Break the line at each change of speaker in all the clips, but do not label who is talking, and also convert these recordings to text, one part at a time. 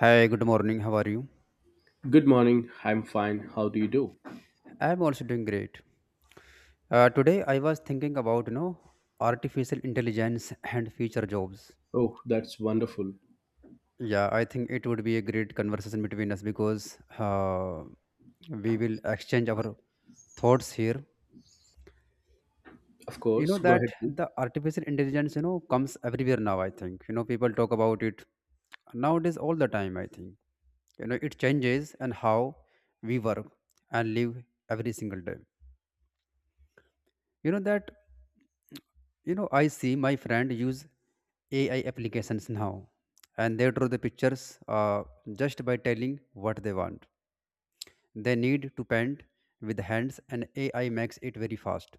Hi, good morning. How are you?
Good morning. I'm fine. How do you do?
I'm also doing great. Today I was thinking about artificial intelligence and future jobs.
Oh, that's wonderful.
Yeah, I think it would be a great conversation between us because we will exchange our thoughts here.
Of
You know
course. Go
that
ahead, please.
the artificial intelligence comes everywhere now. I think people talk about it nowadays all the time. I think it changes and how we work and live every single day you know that I see my friend use AI applications now, and they draw the pictures just by telling what they want. They need to paint with hands, and AI makes it very fast.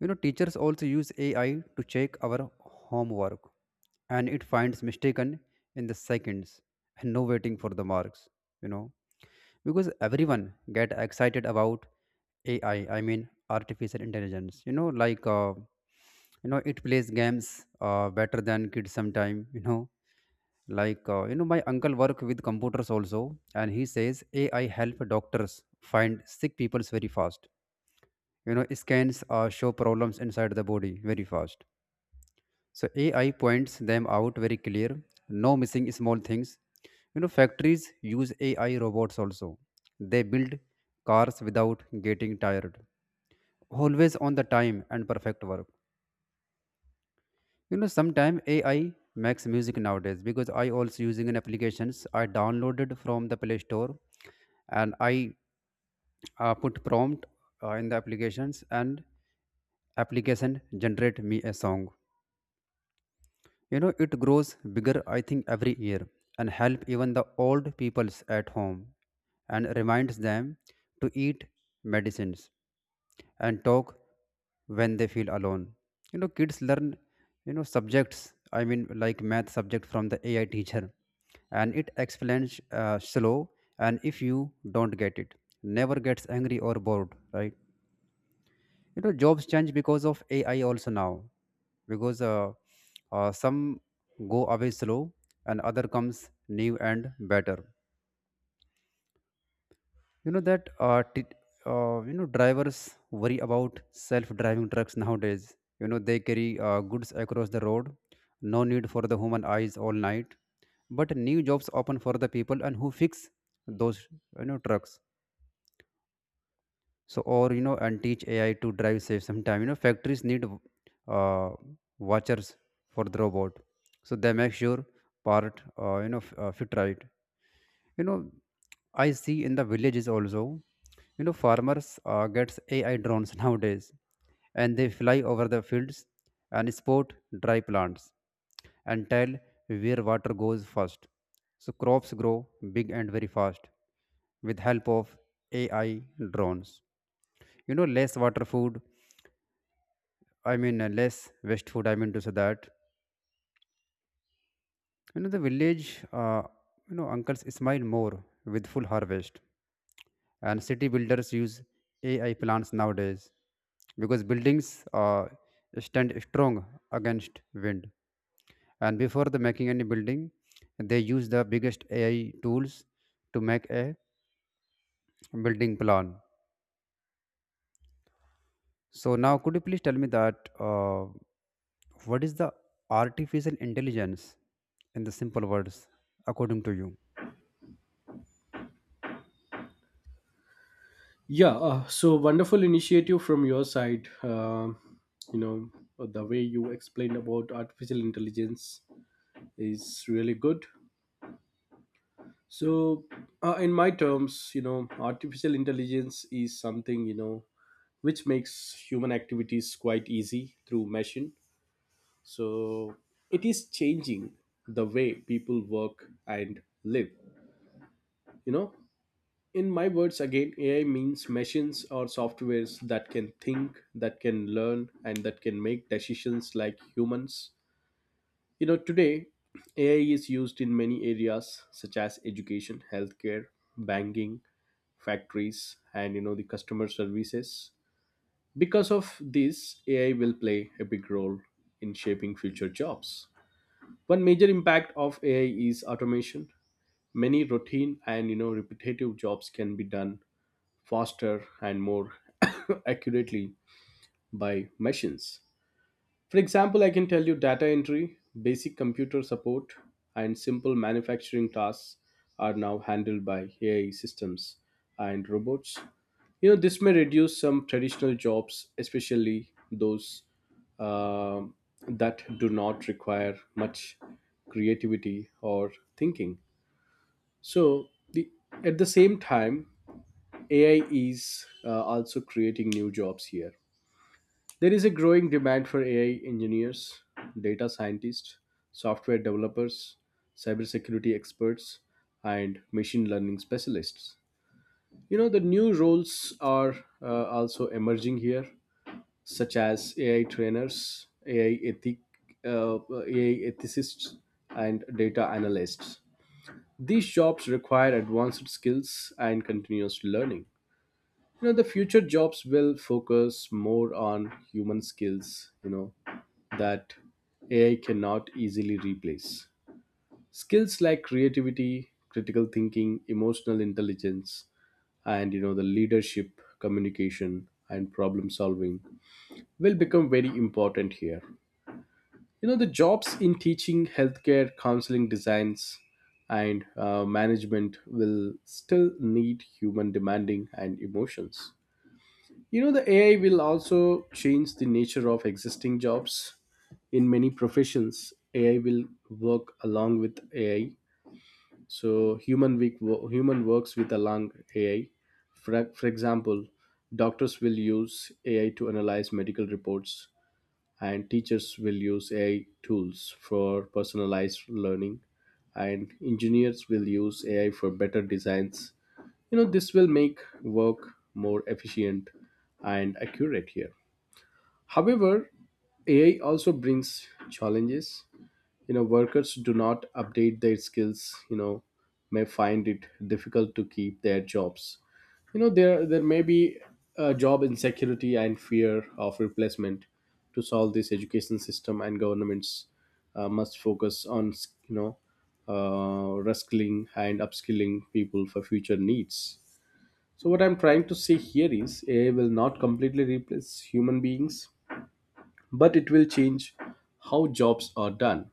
You know, teachers also use AI to check our homework, and it finds mistaken in the seconds, and no waiting for the marks. You know, because everyone get excited about ai I mean artificial intelligence, like, it plays games better than kids sometime like, my uncle work with computers also, and he says AI help doctors find sick people very fast. Scans show problems inside the body very fast, so AI points them out very clear. No missing small things. You know, factories use AI robots also. They build cars without getting tired. Always on the time and perfect work. You know, sometimes AI makes music nowadays because I also using an applications I downloaded from the Play Store, and I put prompt in the applications and application generate me a song. You know, it grows bigger, I think, every year and help even the old peoples at home and reminds them to eat medicines and talk when they feel alone. You know, kids learn, subjects, I mean, like math subject from the AI teacher, and it explains slow, and if you don't get it, never gets angry or bored, right? Jobs change because of AI also now, because some go away slow and other comes new and better. You know that t- you know Drivers worry about self driving trucks nowadays. They carry goods across the road. No need for the human eyes all night, but new jobs open for the people and who fix those trucks. So, or, and teach AI to drive safe sometime. Factories need uh, watchers for the robot, so they make sure part fit right. you know I see in the villages also. Farmers gets AI drones nowadays, and they fly over the fields and spot dry plants and tell where water goes first, so crops grow big and very fast with help of AI drones. Less water food, I mean, less waste food, I mean to say that, the village uncles smile more with full harvest. And city builders use AI plants nowadays because buildings uh, stand strong against wind, and before the making any building, they use the biggest AI tools to make a building plan. So now, could you please tell me that what is the artificial intelligence in the simple words, according to you?
Yeah. So wonderful initiative from your side. You know, the way you explained about artificial intelligence is really good. So, in my terms, artificial intelligence is something which makes human activities quite easy through machine. So it is changing the way people work and live. You know, In my words, again, AI means machines or softwares that can think, that can learn, and that can make decisions like humans. Today, AI is used in many areas such as education, healthcare, banking, factories, and the customer services. Because of this, AI will play a big role in shaping future jobs. One major impact of AI is automation. Many routine and repetitive jobs can be done faster and more accurately by machines. For example, I can tell you data entry, basic computer support, and simple manufacturing tasks are now handled by AI systems and robots. This may reduce some traditional jobs, especially those uh, that do not require much creativity or thinking. So, at the same time, AI is also creating new jobs here. There is a growing demand for AI engineers, data scientists, software developers, cybersecurity experts, and machine learning specialists. The new roles are also emerging here, such as AI trainers, AI, ethic, uh, AI ethicists, and data analysts. These jobs require advanced skills and continuous learning. The future jobs will focus more on human skills, that AI cannot easily replace. Skills like creativity, critical thinking, emotional intelligence, and the leadership, communication, and problem solving will become very important here. The jobs in teaching, healthcare, counseling, designs, and management will still need human demanding and emotions. The AI will also change the nature of existing jobs. In many professions, AI will work along with AI. So human works with along AI. For example, doctors will use AI to analyze medical reports, and teachers will use AI tools for personalized learning, and engineers will use AI for better designs. This will make work more efficient and accurate here. However, AI also brings challenges. Workers do not update their skills, may find it difficult to keep their jobs. There may be job insecurity and fear of replacement. To solve this, education system and governments must focus on you know reskilling and upskilling people for future needs. So what I'm trying to say here is AI will not completely replace human beings, but it will change how jobs are done.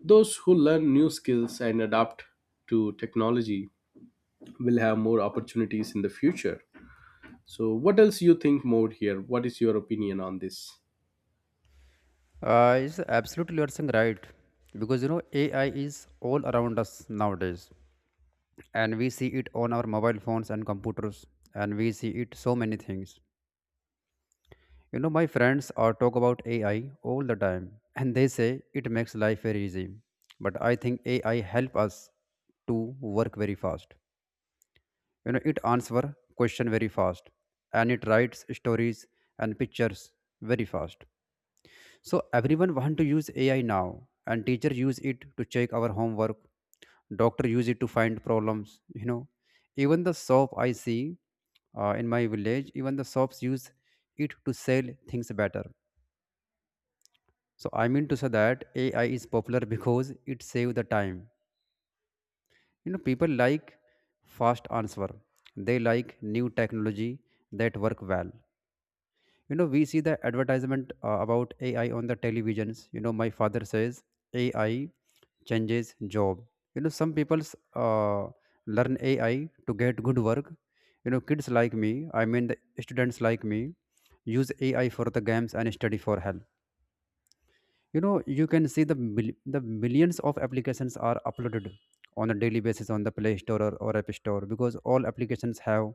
Those who learn new skills and adapt to technology will have more opportunities in the future. So what else you think more here? What is your opinion on this?
It's absolutely you are saying right because AI is all around us nowadays, and we see it on our mobile phones and computers, and we see it so many things. You know, my friends are talk about AI all the time, and they say it makes life very easy. But I think AI help us to work very fast. It answers question very fast, and it writes stories and pictures very fast, so everyone want to use AI now, and teacher use it to check our homework, doctor use it to find problems. Even the shop I see in my village, even the shops use it to sell things better. So I mean to say that AI is popular because it save the time. People like fast answer. They like new technology that work well. We see the advertisement about AI on the televisions. My father says AI changes job. Some people uh, learn AI to get good work. Kids like me, I mean, the students like me, use AI for the games and study for help. you know you can see the the millions of applications are uploaded on a daily basis on the Play Store or App Store because all applications have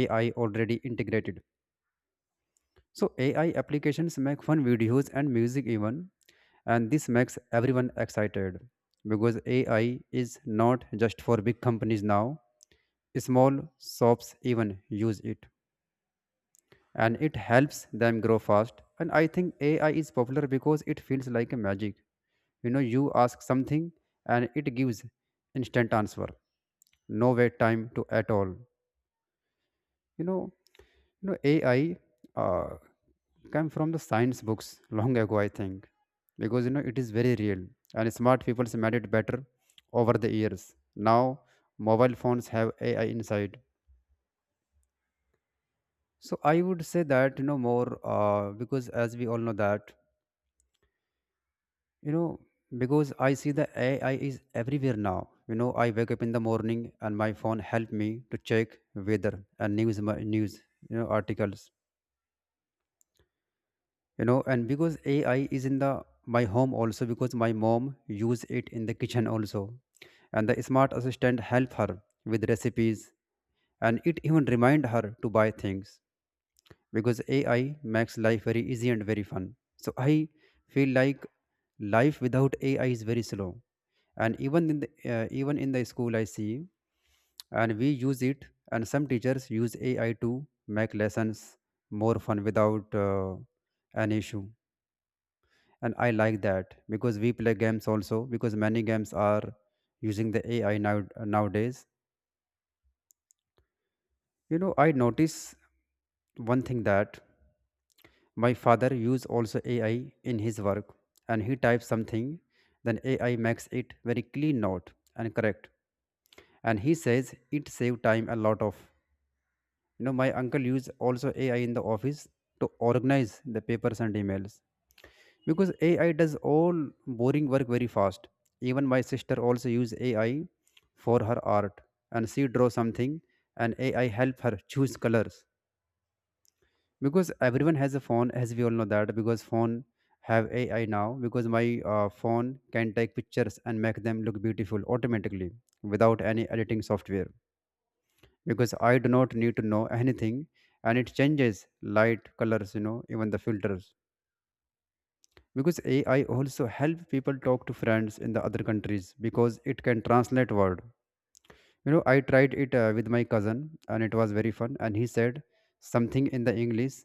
AI already integrated. So AI applications make fun videos and music even, and this makes everyone excited because AI is not just for big companies now. Small shops even use it, and it helps them grow fast. And I think AI is popular because it feels like a magic. You know, you ask something and it gives instant answer. No wait time to at all. You know, you know, AI uh, come from the science books long ago, I think, because it is very real and smart people made it better over the years. Now mobile phones have AI inside. So I would say that more, because as we all know that, you know because I see the AI is everywhere now. I wake up in the morning and my phone help me to check weather and news, articles. And because AI is in the my home also because my mom use it in the kitchen also, and the smart assistant help her with recipes, and it even remind her to buy things, because AI makes life very easy and very fun. So I feel like life without AI is very slow. And even in the school I see, and we use it, and some teachers use AI to make lessons more fun without an issue, and I like that because we play games also because many games are using the AI now nowadays. I notice one thing that my father use also AI in his work, and he types something, then AI makes it very clean note and correct, and he says it save time a lot of. My uncle use also AI in the office to organize the papers and emails because AI does all boring work very fast. Even my sister also use AI for her art, and she draw something, and AI help her choose colors. Because everyone has a phone, as we all know that. Because phone have AI now. Because my phone can take pictures and make them look beautiful automatically without any editing software. Because I do not need to know anything, and it changes light, colors, even the filters because AI also help people talk to friends in the other countries because it can translate word. I tried it with my cousin and it was very fun, and he said something in the English,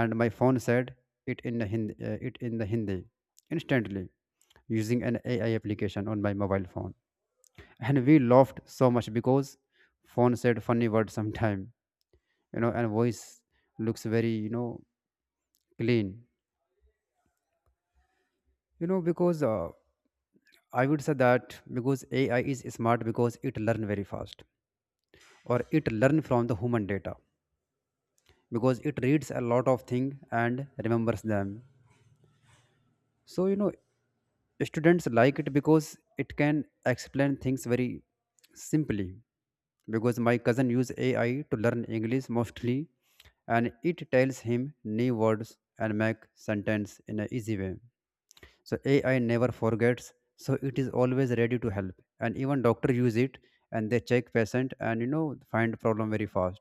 and my phone said it in the Hindi instantly using an AI application on my mobile phone, and we laughed so much because phone said funny words sometime. And voice looks very, clean. You know because I would say that because AI is smart because it learn very fast or it learn from the human data because it reads a lot of things and remembers them. So, students like it because it can explain things very simply because my cousin use AI to learn English mostly, and it tells him new words and make sentence in an easy way. So AI never forgets, so it is always ready to help. And even doctor use it and they check patient and find problem very fast.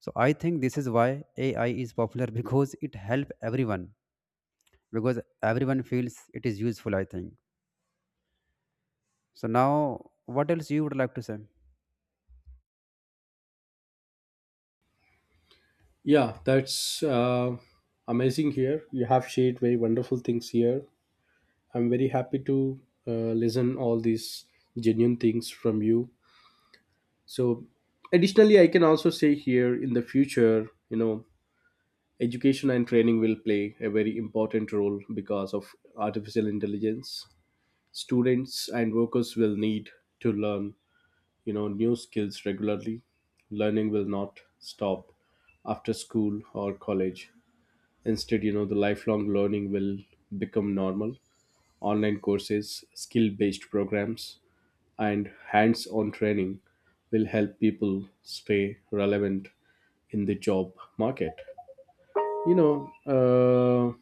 So I think this is why AI is popular because it help everyone because everyone feels it is useful. I think. So now, what else you would like to say?
Yeah, that's amazing here. You have shared very wonderful things here. I'm very happy to listen all these genuine things from you. So additionally, I can also say here, in the future, you know education and training will play a very important role because of artificial intelligence. Students and workers will need to learn new skills regularly. Learning will not stop after school or college. Instead, the lifelong learning will become normal. Online courses, skill based programs, and hands on training will help people stay relevant in the job market. You know, uh,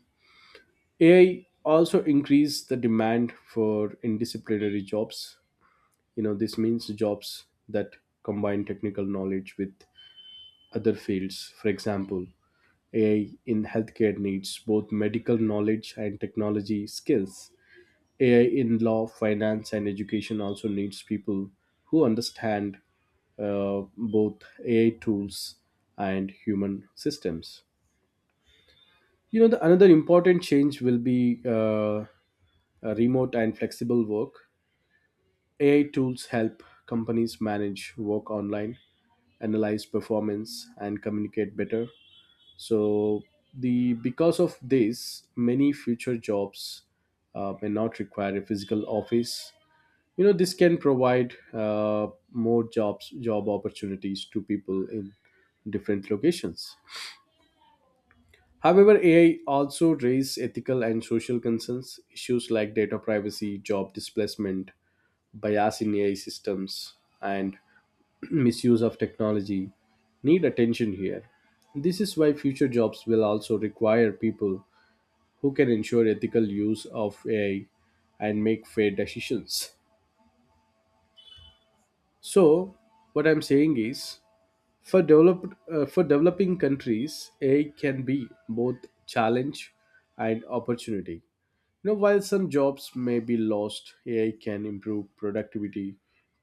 AI also increase the demand for interdisciplinary jobs. This means jobs that combine technical knowledge with other fields. For example, AI in healthcare needs both medical knowledge and technology skills. AI in law, finance, and education also needs people who understand both AI tools and human systems. The another important change will be a remote and flexible work. AI tools help companies manage work online, analyze performance, and communicate better. So, the because of this, many future jobs may not require a physical office. This can provide more job opportunities to people in different locations. However, AI also raises ethical and social concerns. Issues like data privacy, job displacement, bias in AI systems, and misuse of technology need attention here. This is why future jobs will also require people who can ensure ethical use of AI and make fair decisions. So what I'm saying is, for developing countries, AI can be both challenge and opportunity. While some jobs may be lost, AI can improve productivity,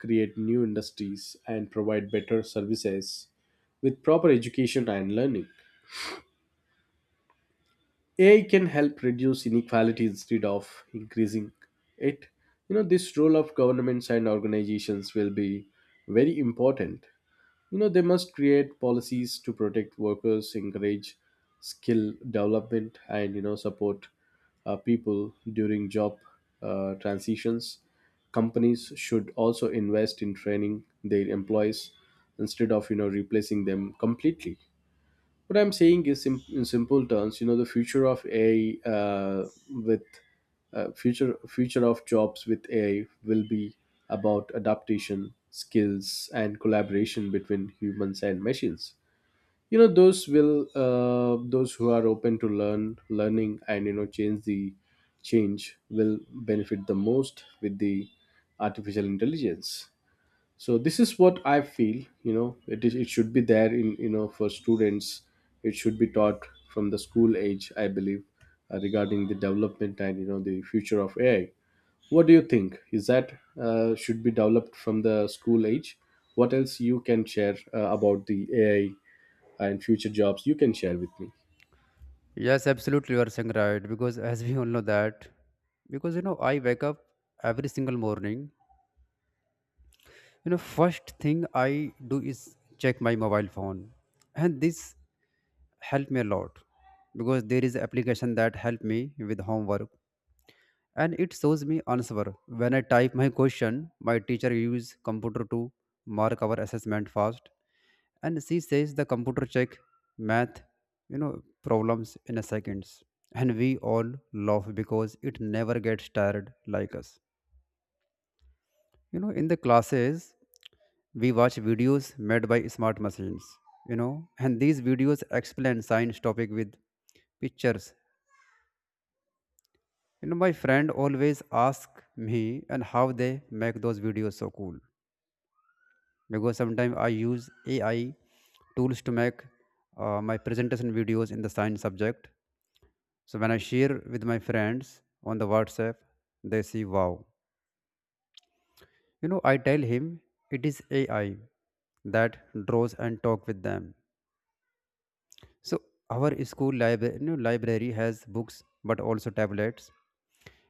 create new industries, and provide better services with proper education and learning. AI can help reduce inequality instead of increasing it. This role of governments and organizations will be very important. They must create policies to protect workers, encourage skill development, and support people during job transitions. Companies should also invest in training their employees instead of replacing them completely. What I'm saying is, in simple terms, the future of ai with future future of jobs with AI will be about adaptation, skills, and collaboration between humans and machines. Those who are open to learning and change will benefit the most with the artificial intelligence. So this is what I feel. It should be there in, for students, it should be taught from the school age, I believe. Regarding the development and the future of AI, what do you think? Is that should be developed from the school age? What else you can share about the AI and future jobs you can share with me?
Yes, absolutely, you are saying right because as we all know that, because I wake up every single morning. First thing I do is check my mobile phone, and this help me a lot because there is application that help me with homework and it shows me answer when I type my question. My teacher use computer to mark our assessment fast, and she says the computer check math, you know problems in a seconds, and we all laugh because it never gets tired like us. In the classes we watch videos made by smart machines. And these videos explain science topic with pictures. My friend always ask me, and how they make those videos so cool, because sometimes I use AI tools to make my presentation videos in the science subject. So when I share with my friends on the WhatsApp, they see wow. I tell him it is AI that draws and talk with them. So our school libra- no, library has books but also tablets,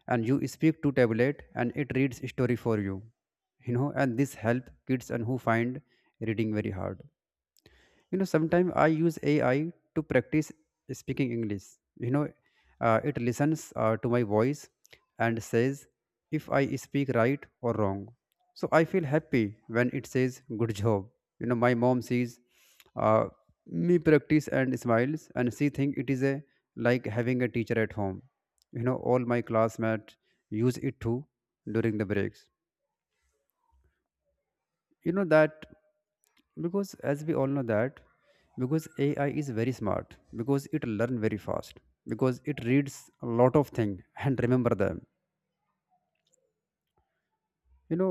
and you speak to tablet and it reads story for you. You know and this help kids and who find reading very hard. Sometimes I use AI to practice speaking English. you know it listens to my voice and says if I speak right or wrong. So I feel happy when it says good job. My mom sees uh, me practice and smiles, and she think it is a, like, having a teacher at home. All my classmates use it too during the breaks, you know that. Because as we all know that, because AI is very smart because it learn very fast, because it reads a lot of things and remember them. you know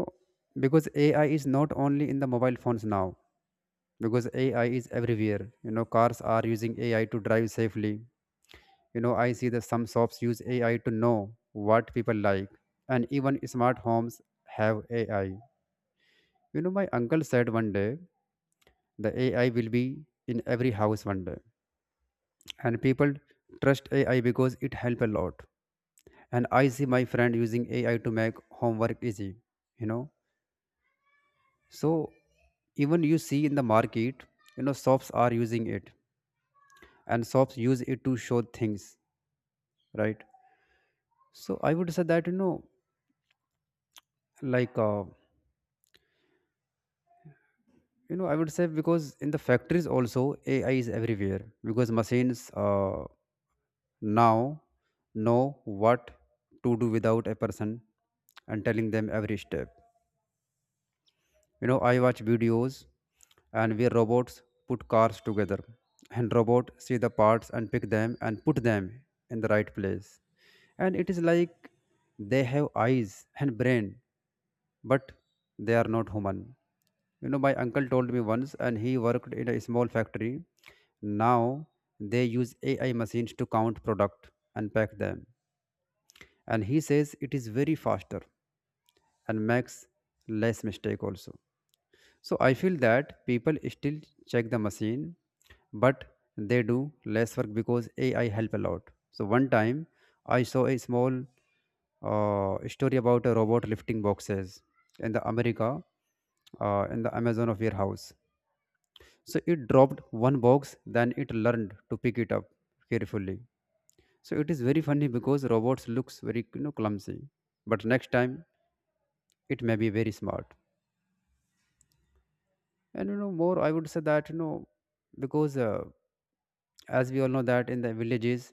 because AI is not only in the mobile phones now. Because AI is everywhere. Cars are using AI to drive safely. I see that some shops use AI to know what people like. And even smart homes have AI. My uncle said one day the AI will be in every house one day, and people trust AI because it help a lot. And I see my friend using AI to make homework easy, you know. So even you see in the market, shops are using it, and shops use it to show things, right? So I would say that, like, I would say because in the factories also AI is everywhere, because machines, now know what to do without a person and telling them every step. I watch videos, and where robots put cars together, and robot see the parts and pick them and put them in the right place, and it is like they have eyes and brain, but they are not human. My uncle told me once, and he worked in a small factory. Now they use AI machines to count product and pack them, and he says it is very faster and makes less mistake also. So I feel that people still check the machine, but they do less work because AI help a lot. So one time I saw a small story about a robot lifting boxes in the America, in the Amazon of warehouse. So it dropped one box, then it learned to pick it up carefully. So it is very funny because robots looks very, clumsy, but next time it may be very smart. And more, I would say that, because, as we all know that in the villages,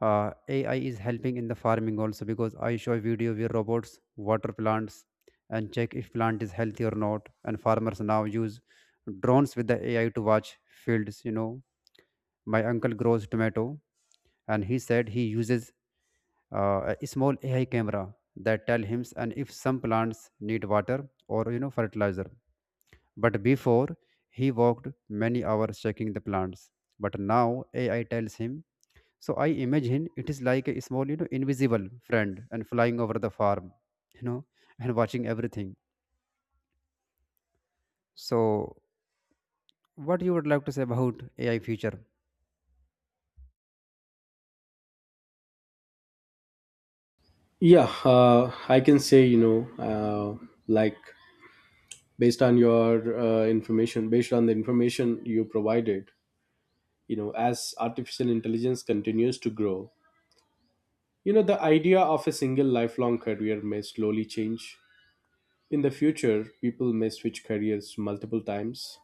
AI is helping in the farming also, because I show a video where robots water plants and check if plant is healthy or not, and farmers now use drones with the AI to watch fields. My uncle grows tomato, and he said he uses a small AI camera that tell him and if some plants need water or, fertilizer. But before, he walked many hours checking the plants. But now AI tells him. So I imagine it is like a small, invisible friend and flying over the farm, you know, and watching everything. So what you would like to say about AI future?
Yeah, I can say, uh, like, based on the information you provided, as artificial intelligence continues to grow, the idea of a single lifelong career may slowly change in the future. People may switch careers multiple times.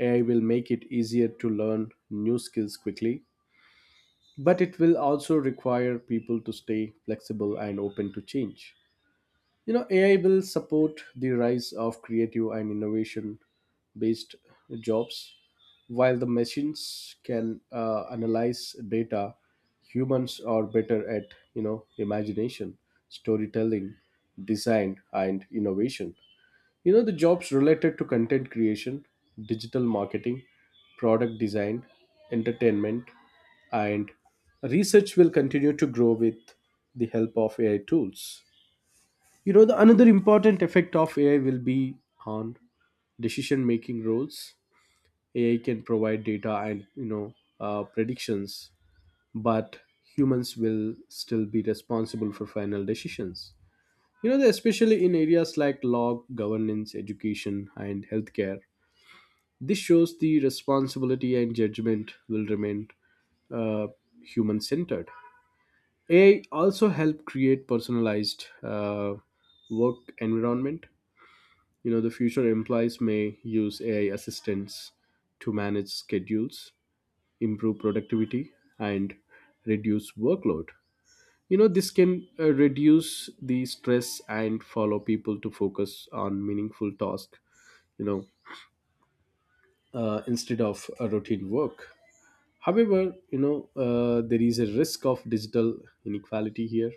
AI will make it easier to learn new skills quickly, but it will also require people to stay flexible and open to change. AI will support the rise of creative and innovation based jobs. While the machines can analyze data, humans are better at, you know, imagination, storytelling, design, and innovation. The jobs related to content creation, digital marketing, product design, entertainment, and research will continue to grow with the help of AI tools. The another important effect of AI will be on decision making roles. AI can provide data and predictions, but humans will still be responsible for final decisions. Especially in areas like law, governance, education, and healthcare. This shows the responsibility and judgment will remain uh, human centered. AI also help create personalized work environment. The future employees may use AI assistants to manage schedules, improve productivity, and reduce workload. This can reduce the stress and follow people to focus on meaningful tasks, you know, instead of a routine work. However, there is a risk of digital inequality here.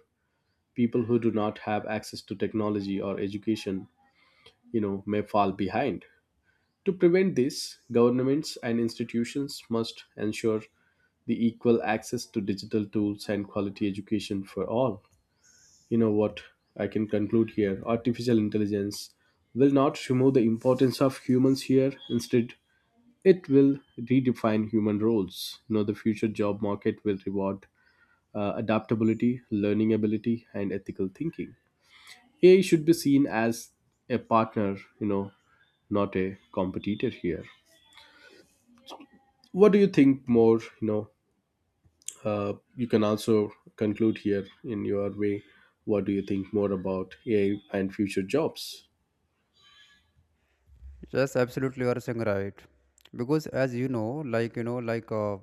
People who do not have access to technology or education, may fall behind. To prevent this, governments and institutions must ensure the equal access to digital tools and quality education for all. You know what I can conclude here: artificial intelligence will not remove the importance of humans here. Instead, it will redefine human roles. The future job market will reward adaptability, learning ability, and ethical thinking. AI should be seen as a partner, not a competitor here. What do you think more? You can also conclude here in your way. What do you think more about AI and future jobs?
Yes, absolutely, you are saying right. Because as you know, like, like,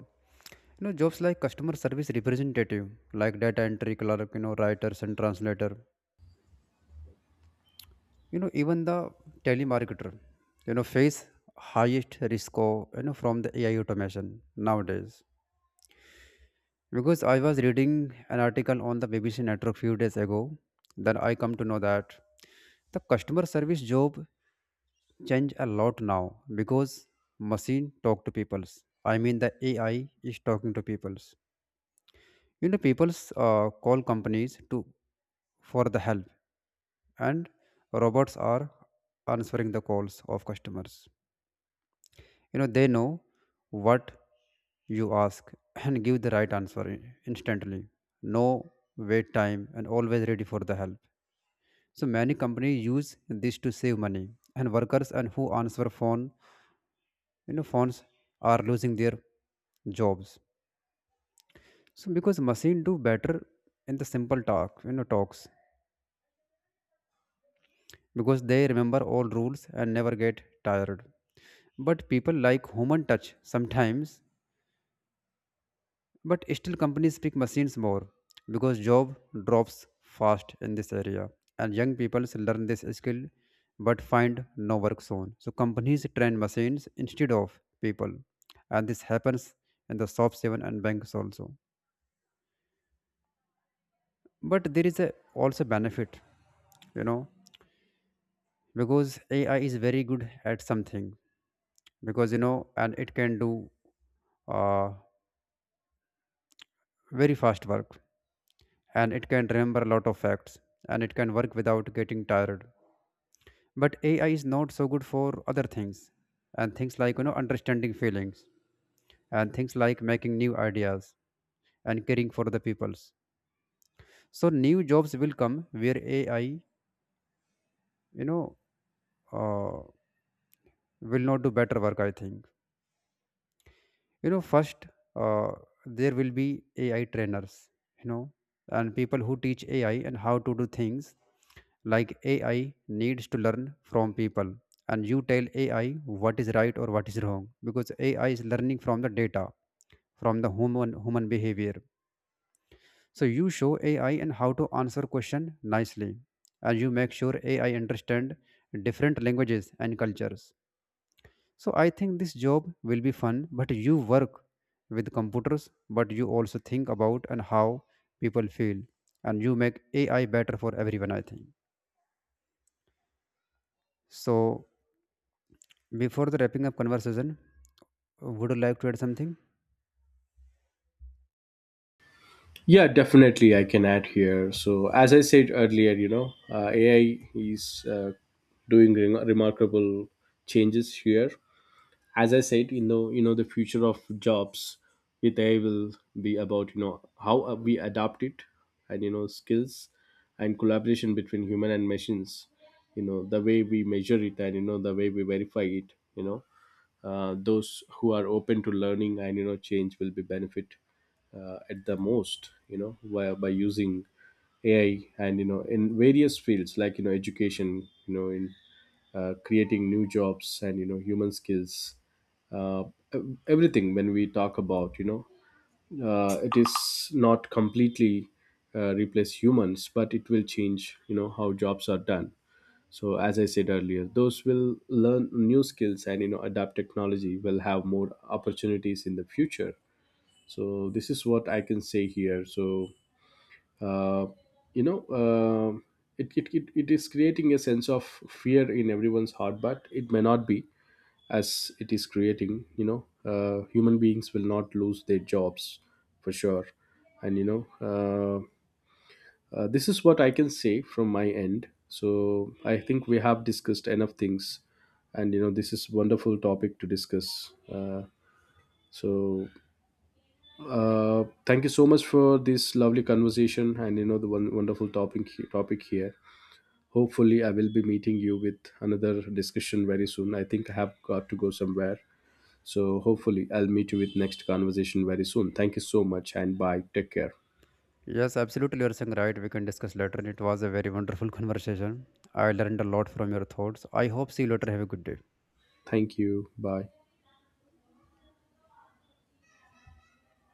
jobs like customer service representative, like data entry clerk, writers and translator, even the telemarketer, face highest risk of, from the AI automation nowadays, because I was reading an article on the BBC network few days ago, then I come to know that the customer service job change a lot now, because machine talk to peoples. I mean, the AI is talking to peoples. Peoples, call companies to for the help, and robots are answering the calls of customers. They know what you ask and give the right answer instantly, no wait time, and always ready for the help. So many companies use this to save money, and workers and who answer phone, phones, are losing their jobs. So because machine do better in the simple talks because they remember all rules and never get tired, but people like human touch sometimes. But still, companies pick machines more because job drops fast in this area, and young people learn this skill but find no work soon. So companies train machines instead of people, and this happens in the shops even and banks also. But there is a also benefit, you know, because AI is very good at something because, and it can do uh, very fast work, and it can remember a lot of facts, and it can work without getting tired. But AI is not so good for other things, and things like, understanding feelings, and things like making new ideas, and caring for the peoples. So new jobs will come where AI, know uh, will not do better work, I think. First, uh, there will be AI trainers. you know and people who teach AI and how to do things, like AI needs to learn from people. And you tell AI what is right or what is wrong, because AI is learning from the data, from the human behavior. So you show AI and how to answer question nicely, and you make sure AI understand different languages and cultures. So I think this job will be fun, but you work with computers, but you also think about and how people feel, and you make AI better for everyone, I think. So before the wrapping up conversation, would you like to add something?
Yeah, definitely I can add here. So as I said earlier, AI is doing remarkable changes here. As I said, The future of jobs with AI will be about how we adapt it, and skills and collaboration between human and machines. You know the way we measure it, and you know the way we verify it. Those who are open to learning and change will be benefit at the most, by using AI and in various fields like education, in creating new jobs, and human skills. Uh, ev- everything, when we talk about, it is not completely replace humans, but it will change how jobs are done. So as I said earlier, those will learn new skills and adapt technology will have more opportunities in the future. So this is what I can say here. So uh, you know uh, it is creating a sense of fear in everyone's heart, but it may not be, as it is creating, human beings will not lose their jobs for sure. And this is what I can say from my end. So I think we have discussed enough things, and this is wonderful topic to discuss. So Thank you so much for this lovely conversation, and the one wonderful topic here. Hopefully, I will be meeting you with another discussion very soon. I think I have got to go somewhere. So hopefully, I'll meet you with next conversation very soon. Thank you so much, and bye. Take care.
Yes, absolutely. You're saying right. We can discuss later. It was a very wonderful conversation. I learned a lot from your thoughts. I hope see you later. Have a good day.
Thank you. Bye.